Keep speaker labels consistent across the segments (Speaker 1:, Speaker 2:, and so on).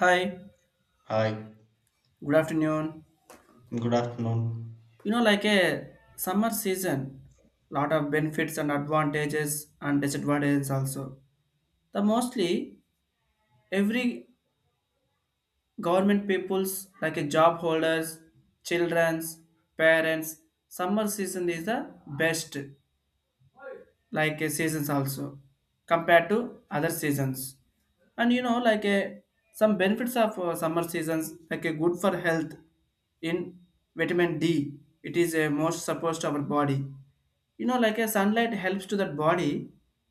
Speaker 1: Hi,
Speaker 2: Hi,
Speaker 1: good afternoon.
Speaker 2: good afternoon.
Speaker 1: You know, like a summer season, lot of benefits and advantages and disadvantages also. The mostly every government peoples like a job holders, childrens, parents, summer season is the best like a seasons also, compared to other seasons. And you know like a some benefits of summer seasons like a good for health in vitamin d, it is a most supposed to our body. You know, like a sunlight helps to that body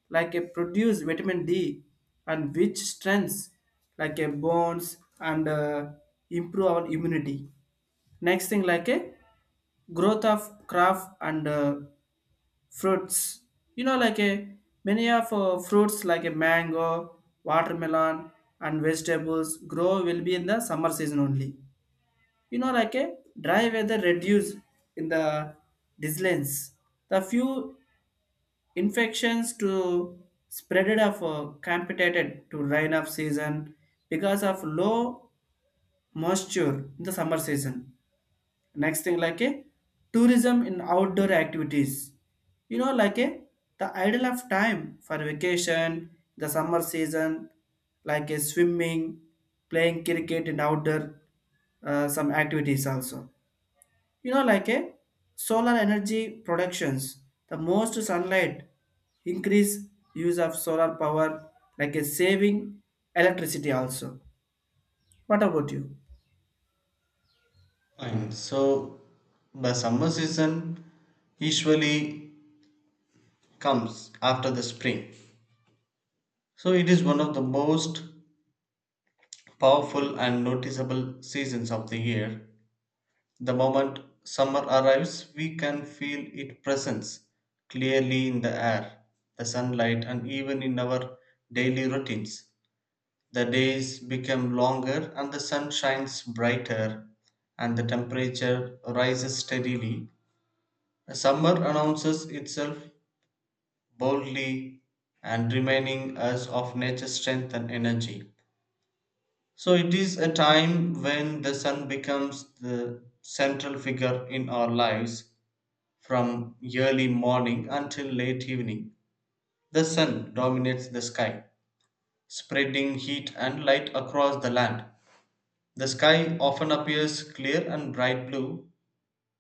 Speaker 1: like a produce vitamin d, and which strengths like a bones and improve our immunity. Next thing like a growth of crop and fruits, you know like a many of fruits like a mango, watermelon, and vegetables grow will be in the summer season only. You know like a dry weather reduce in the disease, the few infections to spreaded of competed to rain of season, because of low moisture in the summer season. Next thing like a tourism in outdoor activities, you know like a the ideal of time for vacation, the summer season, like a swimming, playing cricket in outdoor, some activities also. You know like a solar energy productions, the most sunlight increase use of solar power, like a saving electricity also. What about you?
Speaker 2: And so the summer season usually comes after the spring. So it is one of the most powerful and noticeable seasons of the year. The moment summer arrives, we can feel its presence clearly in the air, the sunlight, and even in our daily routines. The days become longer and the sun shines brighter and the temperature rises steadily. Summer announces itself boldly and remaining as of nature's strength and energy. So it is a time when the sun becomes the central figure in our lives, from early morning until late evening. The sun dominates the sky, spreading heat and light across the land. The sky often appears clear and bright blue,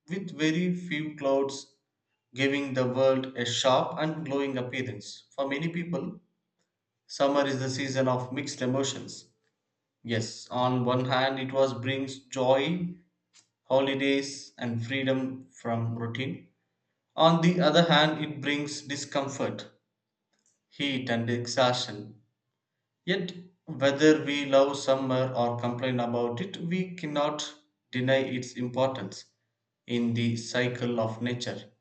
Speaker 2: with very few clouds giving the world a sharp and glowing appearance. For many people, summer is the season of mixed emotions. Yes, on one hand, it was brings joy, holidays, and freedom from routine. On the other hand, it brings discomfort, heat, and exhaustion. Yet, whether we love summer or complain about it, we cannot deny its importance in the cycle of nature.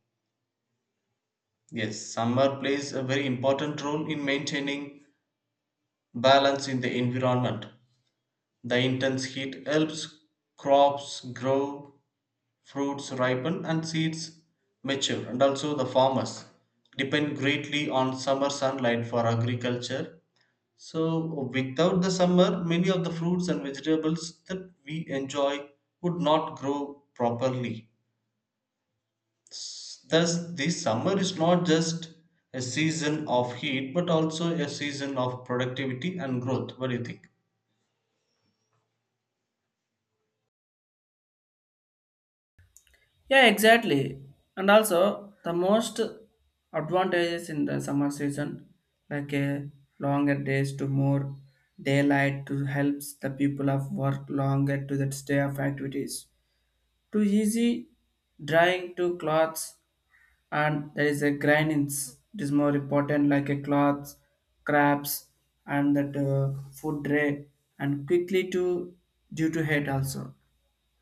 Speaker 2: Yes, summer plays a very important role in maintaining balance in the environment. The intense heat helps crops grow, fruits ripen, and seeds mature. And also, the farmers depend greatly on summer sunlight for agriculture. So, without the summer, many of the fruits and vegetables that we enjoy would not grow properly. Thus, the summer is not just a season of heat but also a season of productivity and growth. What do you think?
Speaker 1: Yeah, exactly. And also, the most advantages in the summer season, like a longer days to more daylight to helps the people of work longer to that stay of activities. Too easy drying to clothes, and there is a grindings. It is more important like a cloths, crabs, and that food tray, and quickly to due to heat also.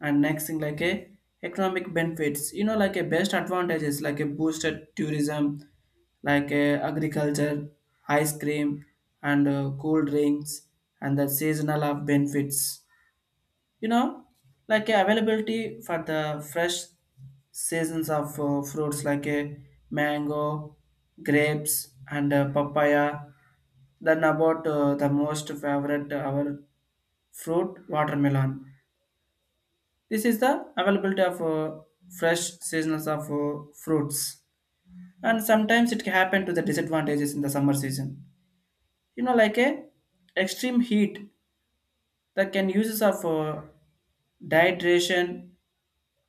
Speaker 1: And next thing like a economic benefits, you know like a best advantages like a boosted tourism, like a agriculture, ice cream, and cool drinks, and the seasonal of benefits. You know, like a availability for the fresh seasons of fruits like a mango, grapes, and papaya. Then about the most favorite our fruit watermelon, this is the availability of fresh seasons of fruits. And sometimes it can happen to the disadvantages in the summer season. You know, like a extreme heat that can uses of dehydration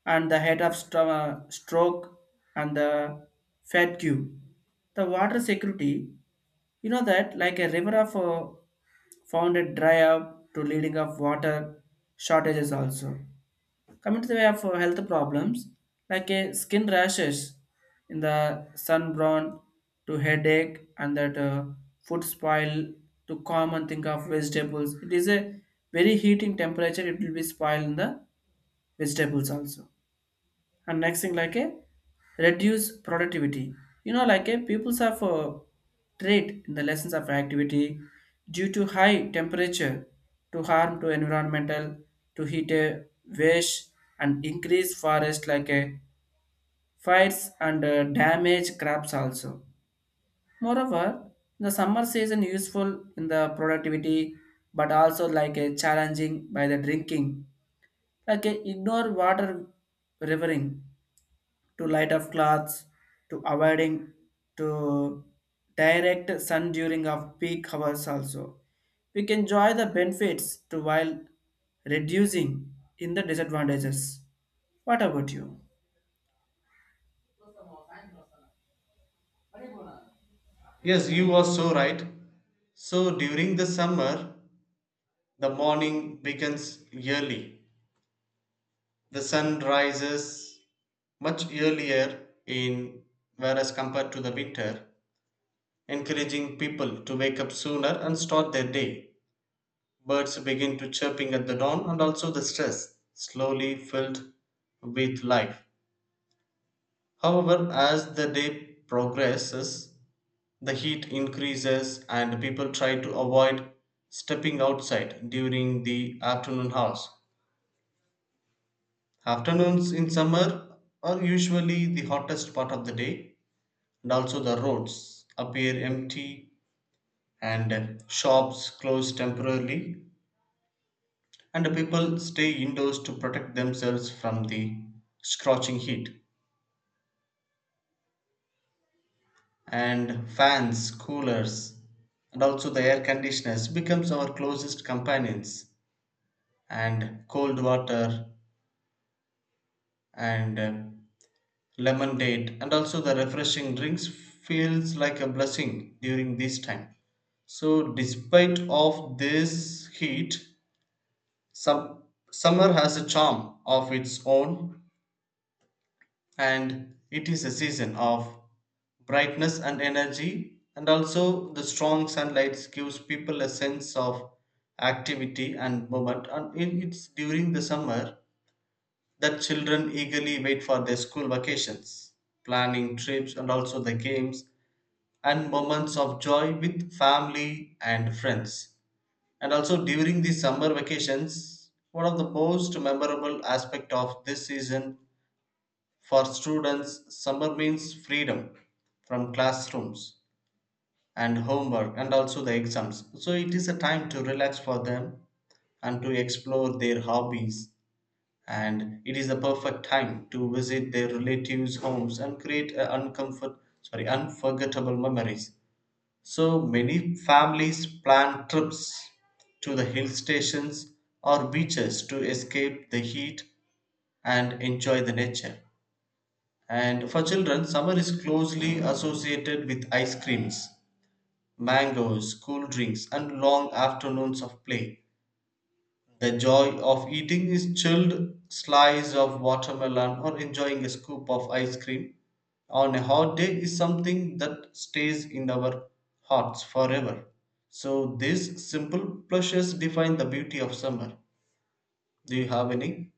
Speaker 1: and the stroke and the fatigue. The water security, you know that like a river of found it dry up to leading of water shortages also. Coming to the way of health problems, like a skin rashes in the sunburn to headache and that food spoil to common think of vegetables. It is a very heating temperature. It will be spoiled in the vegetables also. And next thing like a reduce productivity, you know like a people's have a trait in the lessons of activity due to high temperature, to harm to environmental, to heat a waste, and increase forest like a fires and damage crops also. Moreover, the summer season useful in the productivity, but also like a challenging by the drinking, like a ignore water, rivering to light of cloths, to avoiding to direct sun during of peak hours also, we can enjoy the benefits to while reducing in the disadvantages. What about you?
Speaker 2: Yes, you are so right. So, during the summer, the morning begins early. The sun rises much earlier in, whereas compared to the winter, encouraging people to wake up sooner and start their day. Birds begin to chirping at the dawn and also the stress slowly filled with life. However, as the day progresses, the heat increases and people try to avoid stepping outside during the afternoon hours. Afternoons in summer are usually the hottest part of the day, and also the roads appear empty and shops close temporarily, and people stay indoors to protect themselves from the scorching heat. And fans, coolers, and also the air conditioners becomes our closest companions, and cold water and lemon date and also the refreshing drinks feels like a blessing during this time. So despite of this heat, some summer has a charm of its own, and it is a season of brightness and energy, and also the strong sunlight gives people a sense of activity and movement, and it's during the summer that children eagerly wait for their school vacations, planning trips and also the games and moments of joy with family and friends. And also during the summer vacations, one of the most memorable aspect of this season, for students, summer means freedom from classrooms and homework and also the exams. So it is a time to relax for them and to explore their hobbies. And it is the perfect time to visit their relatives' homes and create a unforgettable memories. So many families plan trips to the hill stations or beaches to escape the heat and enjoy the nature. And for children, summer is closely associated with ice creams, mangoes, cool drinks, and long afternoons of play. The joy of eating is chilled slice of watermelon or enjoying a scoop of ice cream on a hot day is something that stays in our hearts forever. So these simple pleasures define the beauty of summer. Do you have any?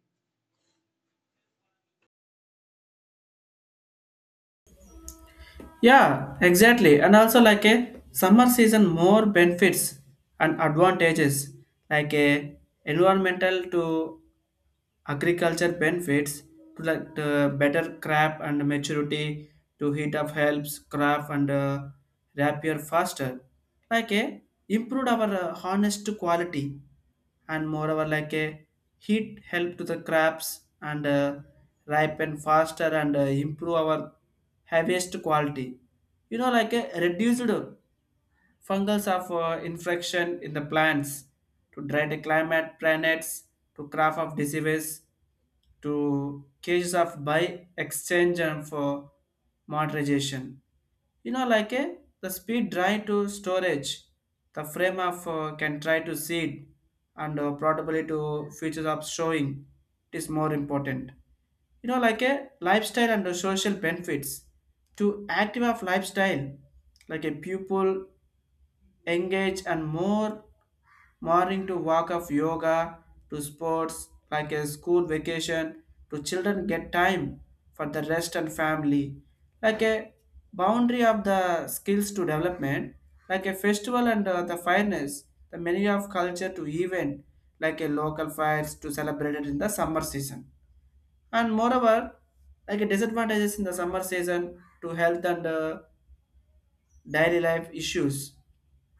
Speaker 1: Yeah, exactly. And also like a summer season more benefits and advantages like a environmental to agriculture benefits, to like the better crop and maturity, to heat up helps crop and rapier faster, like a improved our harness to quality. And moreover, like a heat help to the crops and ripen faster and improve our harvest quality. You know like a reduced fungals of infection in the plants, to dry the climate planets, to craft of diseases, to cases of buy exchange and for monetization. You know like a the speed drive to storage, the frame of can try to seed and probably to features of showing, it is more important. You know like a lifestyle and the social benefits, to active of lifestyle, like a pupil engage and more morning to walk of yoga, to sports like a school vacation, to children get time for the rest and family, like a boundary of the skills to development, like a festival and the fairness, the many of culture to event, like a local fires to celebrate it in the summer season. And moreover, like a disadvantages in the summer season to health and daily life issues,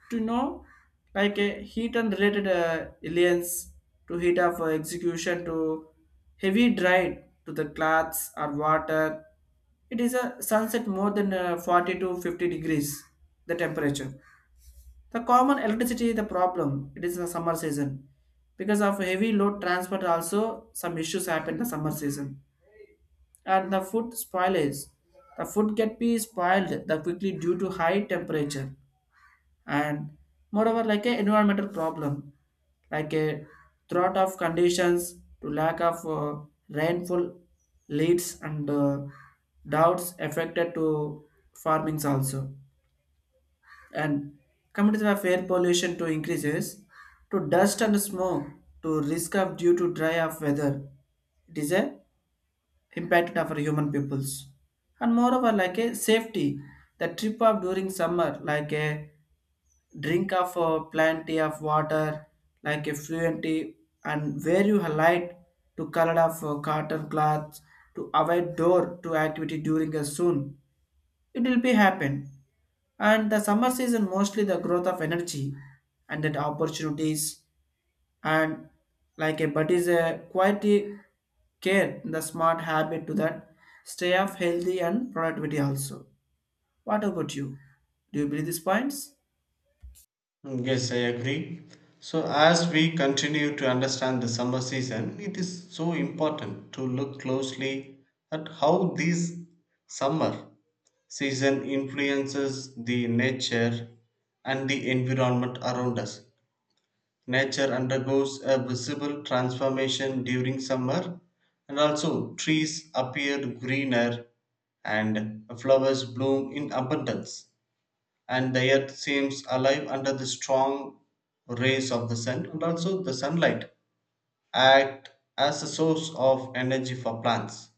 Speaker 1: to know like a heat and related aliens, to heat of execution, to heavy dried to the cloths or water, it is a sunset more than 40 to 50 degrees the temperature. The common electricity the problem, it is the summer season, because of heavy load transport, also some issues happen the summer season. And the food spoilage, the food can be spoiled the quickly due to high temperature. And moreover like a environmental problem, like a drought of conditions to lack of rainfall leads and doubts affected to farmings also. And communities have air pollution to increases, to dust and smoke, to risk of due to dry of weather, it is a impact of our human peoples. And moreover like a safety, the trip up during summer, like a drink of plenty of water, like effluency, and wear you a light to color of cotton cloths, to avoid door to activity during a soon, it will be happen. And the summer season mostly the growth of energy and that opportunities, and like a but is a quality care the smart habit to that stay of healthy and productivity also. What about you? Do you believe these points?
Speaker 2: Yes, I agree. So, as we continue to understand the summer season, it is so important to look closely at how this summer season influences the nature and the environment around us. Nature undergoes a visible transformation during summer, and also trees appear greener and flowers bloom in abundance, and the earth seems alive under the strong rays of the sun. And also the sunlight act as a source of energy for plants,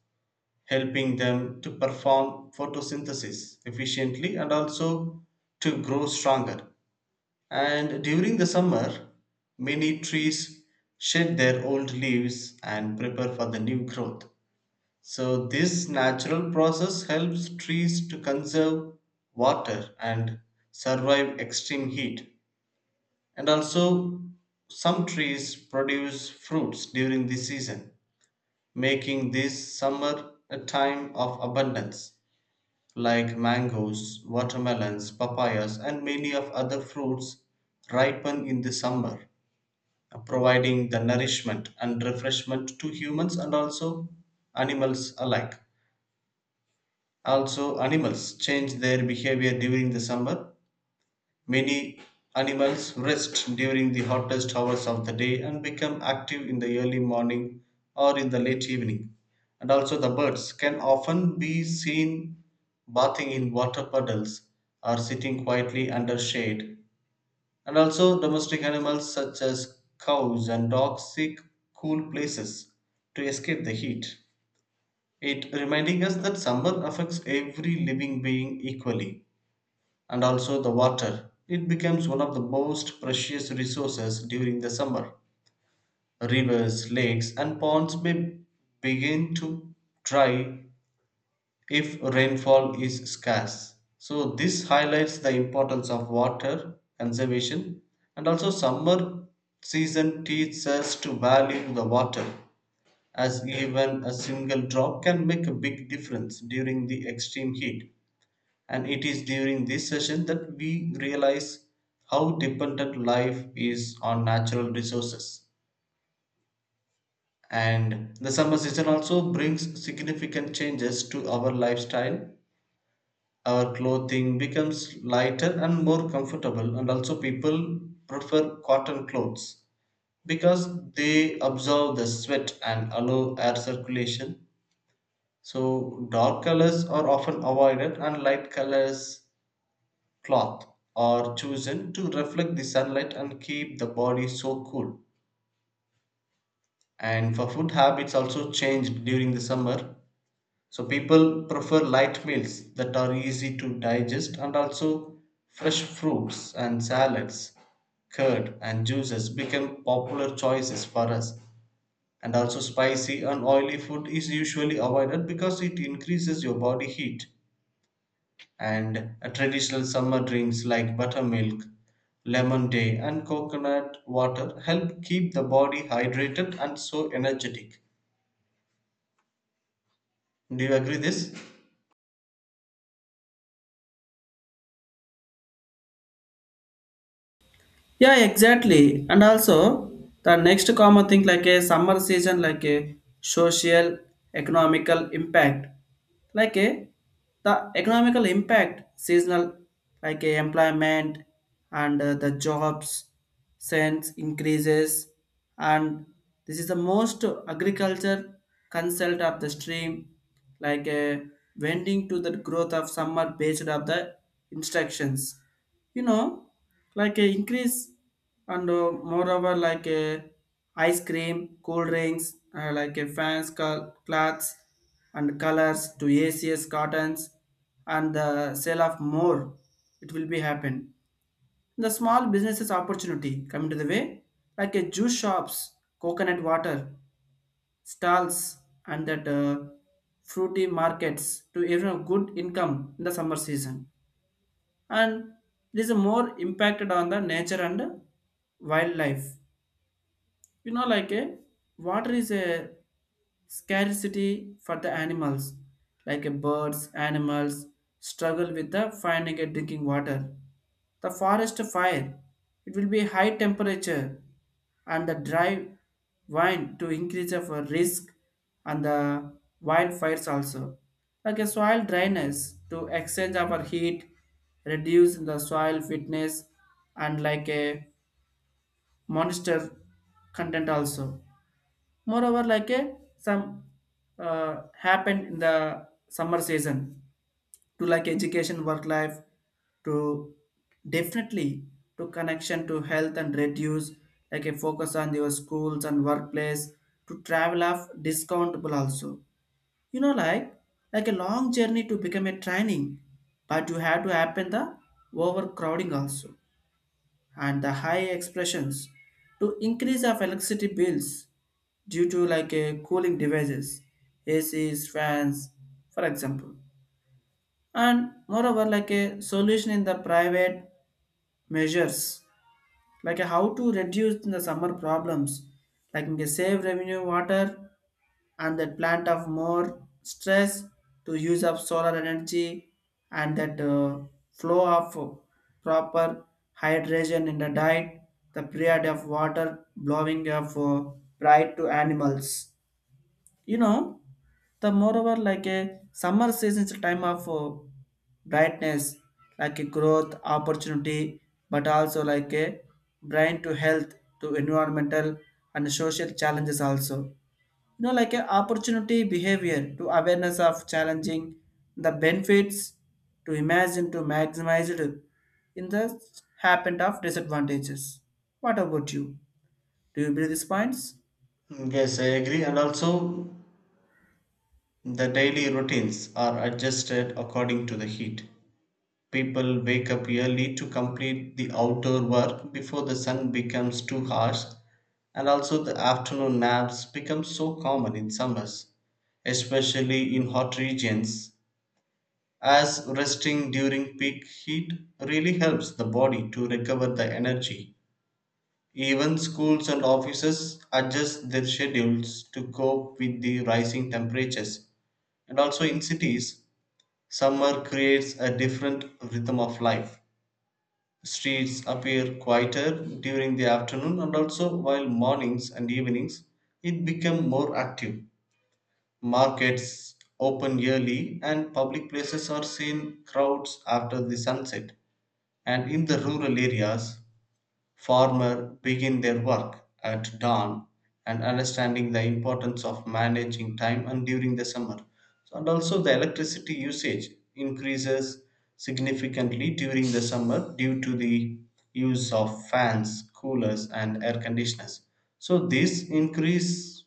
Speaker 2: helping them to perform photosynthesis efficiently and also to grow stronger. And during the summer, many trees shed their old leaves and prepare for the new growth. So this natural process helps trees to conserve water and survive extreme heat. And also, some trees produce fruits during the season, making this summer a time of abundance. Like mangoes, watermelons, papayas and many of other fruits ripen in the summer, providing the nourishment and refreshment to humans and also animals alike. Also, animals change their behavior during the summer. Many animals rest during the hottest hours of the day and become active in the early morning or in the late evening. And also, the birds can often be seen bathing in water puddles or sitting quietly under shade. And also, domestic animals such as cows and dogs seek cool places to escape the heat. It reminding us that summer affects every living being equally. And also the water, it becomes one of the most precious resources during the summer. Rivers, lakes, and ponds may begin to dry if rainfall is scarce. So, this highlights the importance of water conservation. And also summer season teaches us to value the water, as even a single drop can make a big difference during the extreme heat. And it is during this session that we realize how dependent life is on natural resources. And the summer season also brings significant changes to our lifestyle. Our clothing becomes lighter and more comfortable, and also people prefer cotton clothes because they absorb the sweat and allow air circulation. So dark colors are often avoided and light colors cloth are chosen to reflect the sunlight and keep the body so cool. And for food habits also changed during the summer. So people prefer light meals that are easy to digest, and also fresh fruits and salads, curd and juices become popular choices for us. And also spicy and oily food is usually avoided because it increases your body heat, and traditional summer drinks like buttermilk, lemon tea, and coconut water help keep the body hydrated and so energetic. Do you agree this?
Speaker 1: Yeah, exactly. And also the next common thing like a summer season, like a social, economical impact, like a the economical impact seasonal, like a employment and the jobs sense increases, and this is the most agriculture consult of the stream, like a vending to the growth of summer based of the instructions. You know like a increase, and moreover like a ice cream, cool drinks, like a fans, cloths and colors to acs cottons, and the sale of more, it will be happen. The small businesses opportunity coming to the way, like a juice shops, coconut water stalls, and that fruity markets, to earn a good income in the summer season. And this is more impacted on the nature and wildlife. You know like a water is a scarcity for the animals, like a birds, animals struggle with the finding a drinking water. The forest fire, it will be high temperature and the dry wind to increase of a risk and the wildfires also, like a soil dryness to exchange our heat, reduce the soil fitness and like a moisture content also. Moreover like a some happened in the summer season, to like education work life, to definitely to connection to health and reduce like a focus on your schools and workplace, to travel off discountable also. You know like a long journey to become a training, but you have to happen the overcrowding also. And the high expressions to increase of electricity bills due to like a cooling devices, ACs, fans, for example. And moreover, like a solution in the private measures, like a how to reduce the summer problems, like a save revenue water and that plant of more stress, to use of solar energy and that flow of proper hydration in the diet, the period of water blowing of bright to animals. You know, the moreover like a summer season is a time of brightness, like a growth opportunity, but also like a brain to health, to environmental and social challenges also. You know like a opportunity behavior to awareness of challenging the benefits, to imagine to maximize it in the happened of disadvantages. What about you? Do you believe these points?
Speaker 2: Yes, I agree. And also, the daily routines are adjusted according to the heat. People wake up early to complete the outdoor work before the sun becomes too harsh, and also the afternoon naps become so common in summers, especially in hot regions, as resting during peak heat really helps the body to recover the energy. Even schools and offices adjust their schedules to cope with the rising temperatures. And also in cities, summer creates a different rhythm of life. Streets appear quieter during the afternoon, and also while mornings and evenings it become more active. Markets open early, and public places are seen crowds after the sunset. And in the rural areas, farmers begin their work at dawn, and understanding the importance of managing time and during the summer. So, and also the electricity usage increases significantly during the summer due to the use of fans, coolers, and air conditioners. So this increase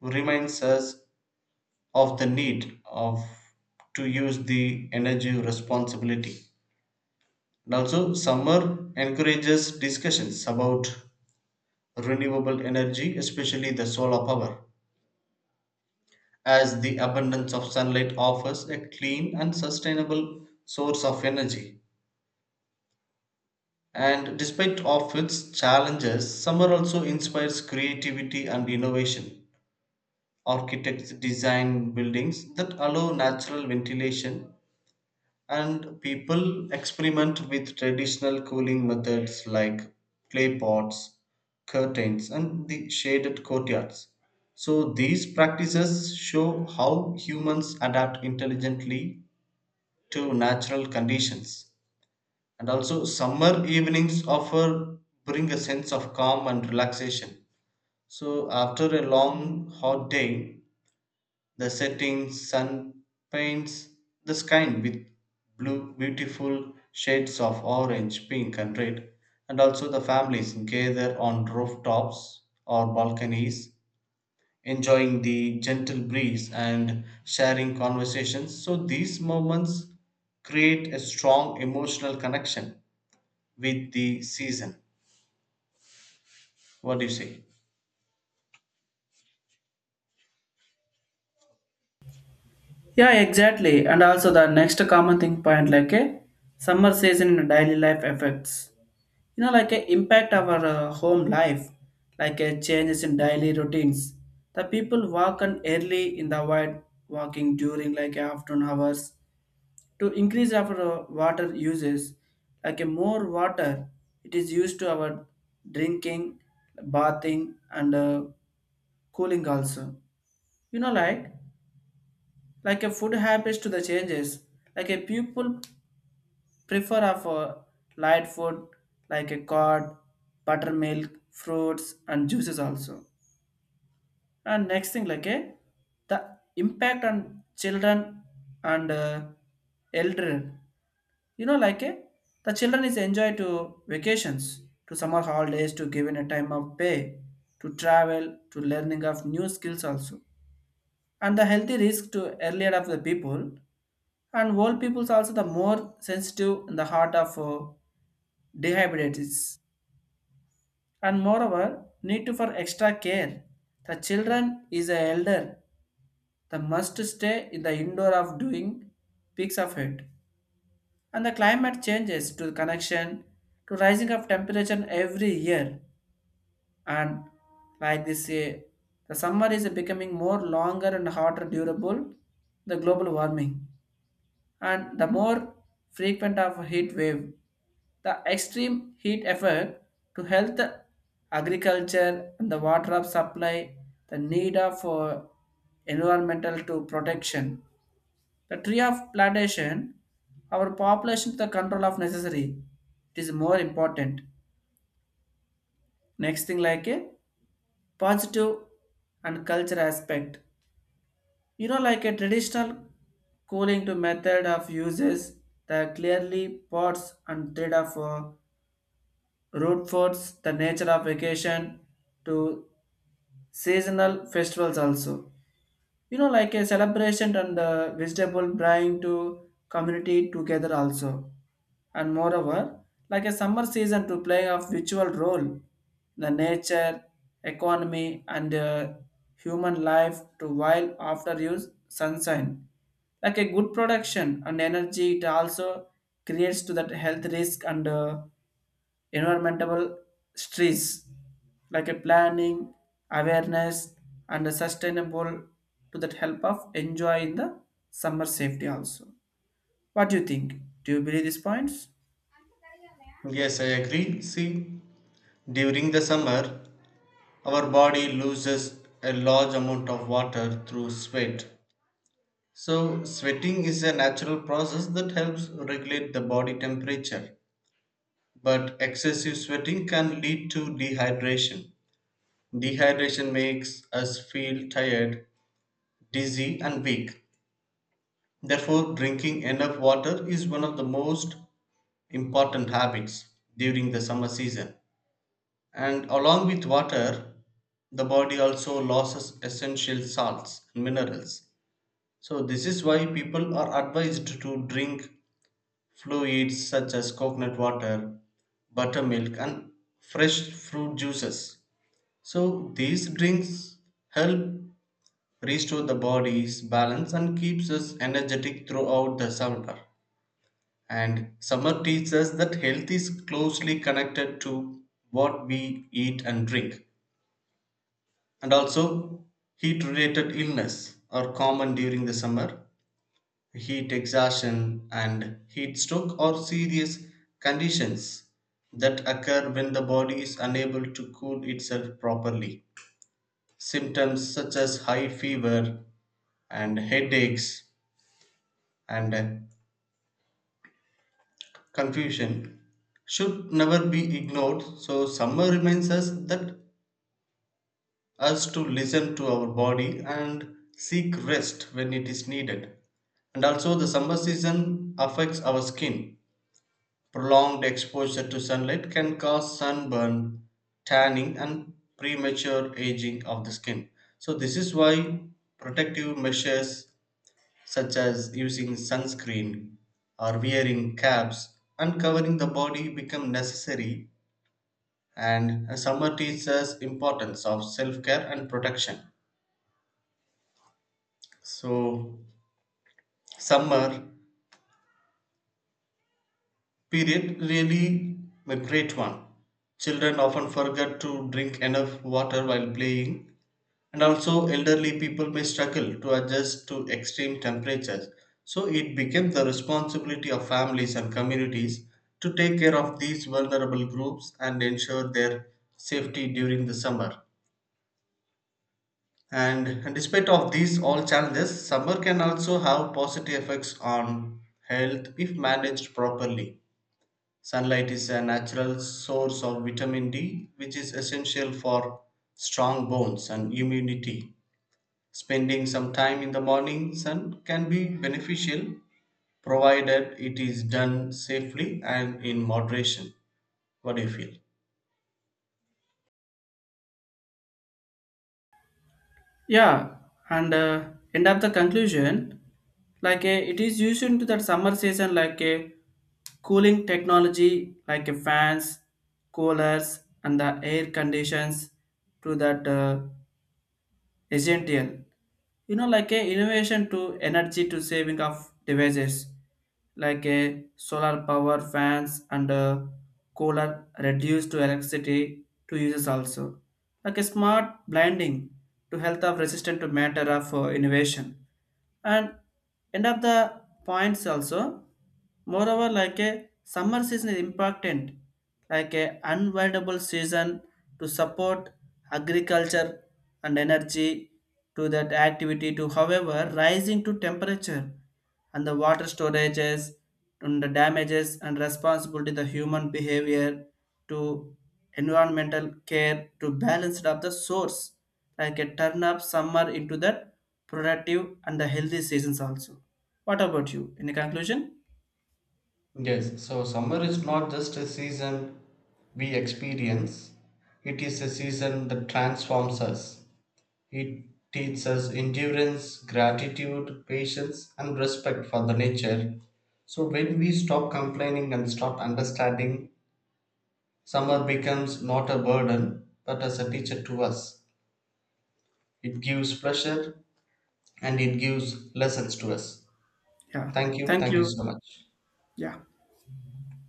Speaker 2: reminds us of the need of to use the energy responsibility. And also, summer encourages discussions about renewable energy, especially the solar power, as the abundance of sunlight offers a clean and sustainable source of energy. And despite of its challenges, summer also inspires creativity and innovation. Architects design buildings that allow natural ventilation, and people experiment with traditional cooling methods like clay pots, curtains, and the shaded courtyards. So, these practices show how humans adapt intelligently to natural conditions. And also, summer evenings offer bring a sense of calm and relaxation. So, after a long hot day, the setting sun paints the sky with blue, beautiful shades of orange, pink, and red, and also the families gather on rooftops or balconies, enjoying the gentle breeze and sharing conversations. So, these moments create a strong emotional connection with the season. What do you say?
Speaker 1: Yeah, exactly. And also the next common thing point like a summer season in daily life effects. You know, like a impact our home life, like a changes in daily routines. The people walk on early in the wild walking during like afternoon hours, to increase our water uses. Like a more water, it is used to our drinking, bathing, and cooling also. You know, like a food habits to the changes, like a people prefer of a light food like a curd, buttermilk, fruits, and juices also. And next thing like a the impact on children and elder. You know like a the children is enjoy to vacations, to summer holidays, to given a time of pay, to travel, to learning of new skills also. And the healthy risk to earlier of the people and old people's also, the more sensitive in the heart of dehydrates. And moreover need to for extra care, the children is a elder, the must stay in the indoor of doing peaks of it. And the climate changes to connection to rising of temperature every year, and like this the summer is becoming more longer and hotter durable, the global warming and the more frequent of heat wave, the extreme heat effect to health, agriculture, and the water of supply, the need of environmental to protection, the tree of plantation, our population to the control of necessary, it is more important. Next thing like a positive and culture aspect. You know, like a traditional cooling to method of uses, the clearly pots and thread of root foods, the nature of vacation to seasonal festivals also. You know, like a celebration and the vegetable brine to community together also. And moreover, like a summer season to play a virtual role in the nature, economy, and human life to while after use sunshine. Like a good production and energy, it also creates to that health risk and environmental stress, like a planning, awareness, and a sustainable to that help of enjoy in the summer safety also. What do you think? Do you believe these points?
Speaker 2: Yes, I agree. See, during the summer, our body loses a large amount of water through sweat. So, sweating is a natural process that helps regulate the body temperature. But excessive sweating can lead to dehydration. Dehydration makes us feel tired, dizzy, and weak. Therefore, drinking enough water is one of the most important habits during the summer season. And along with water, the body also loses essential salts and minerals. So, this is why people are advised to drink fluids such as coconut water, buttermilk, and fresh fruit juices. So, these drinks help restore the body's balance and keeps us energetic throughout the summer. And summer teaches us that health is closely connected to what we eat and drink. And also, heat related illness are common during the summer. Heat exhaustion, and heat stroke are serious conditions that occur when the body is unable to cool itself properly. Symptoms such as high fever and headaches and confusion should never be ignored. So, summer reminds us that us to listen to our body and seek rest when it is needed. And also, the summer season affects our skin. Prolonged exposure to sunlight can cause sunburn, tanning, and premature aging of the skin. So, this is why protective measures such as using sunscreen or wearing caps and covering the body become necessary. And summer teaches us importance of self-care and protection. So summer period really a great one. Children often forget to drink enough water while playing, and also elderly people may struggle to adjust to extreme temperatures. So it became the responsibility of families and communities to take care of these vulnerable groups and ensure their safety during the summer. And, despite of these all challenges, summer can also have positive effects on health if managed properly. Sunlight is a natural source of vitamin D, which is essential for strong bones and immunity. Spending some time in the morning sun can be beneficial, provided it is done safely and in moderation. What do you feel?
Speaker 1: Yeah, and end of the conclusion, like it is used into that summer season, like a cooling technology, like a fans, coolers, and the air conditions to that. Essential. You know, like a innovation to energy to saving of devices, like a solar power fans and a cooler reduced to electricity to users also. Like a smart blinding to health of resistant to matter of innovation, and end of the points also. Moreover like a summer season is important like a unavoidable season to support agriculture and energy, to that activity, to however rising to temperature and the water storages and the damages and responsibility, the human behavior to environmental care to balance it up the source, like a turn up summer into that productive and the healthy seasons also. What about you in the conclusion?
Speaker 2: Yes, so summer is not just a season we experience, it is a season that transforms us. It teaches us endurance, gratitude, patience, and respect for the nature. So when we stop complaining and start understanding, summer becomes not a burden but as a teacher to us. It gives pleasure and it gives lessons to us.
Speaker 1: Yeah.
Speaker 2: Thank you.
Speaker 1: Thank
Speaker 2: Thank you
Speaker 1: you.
Speaker 2: so much.
Speaker 1: Yeah.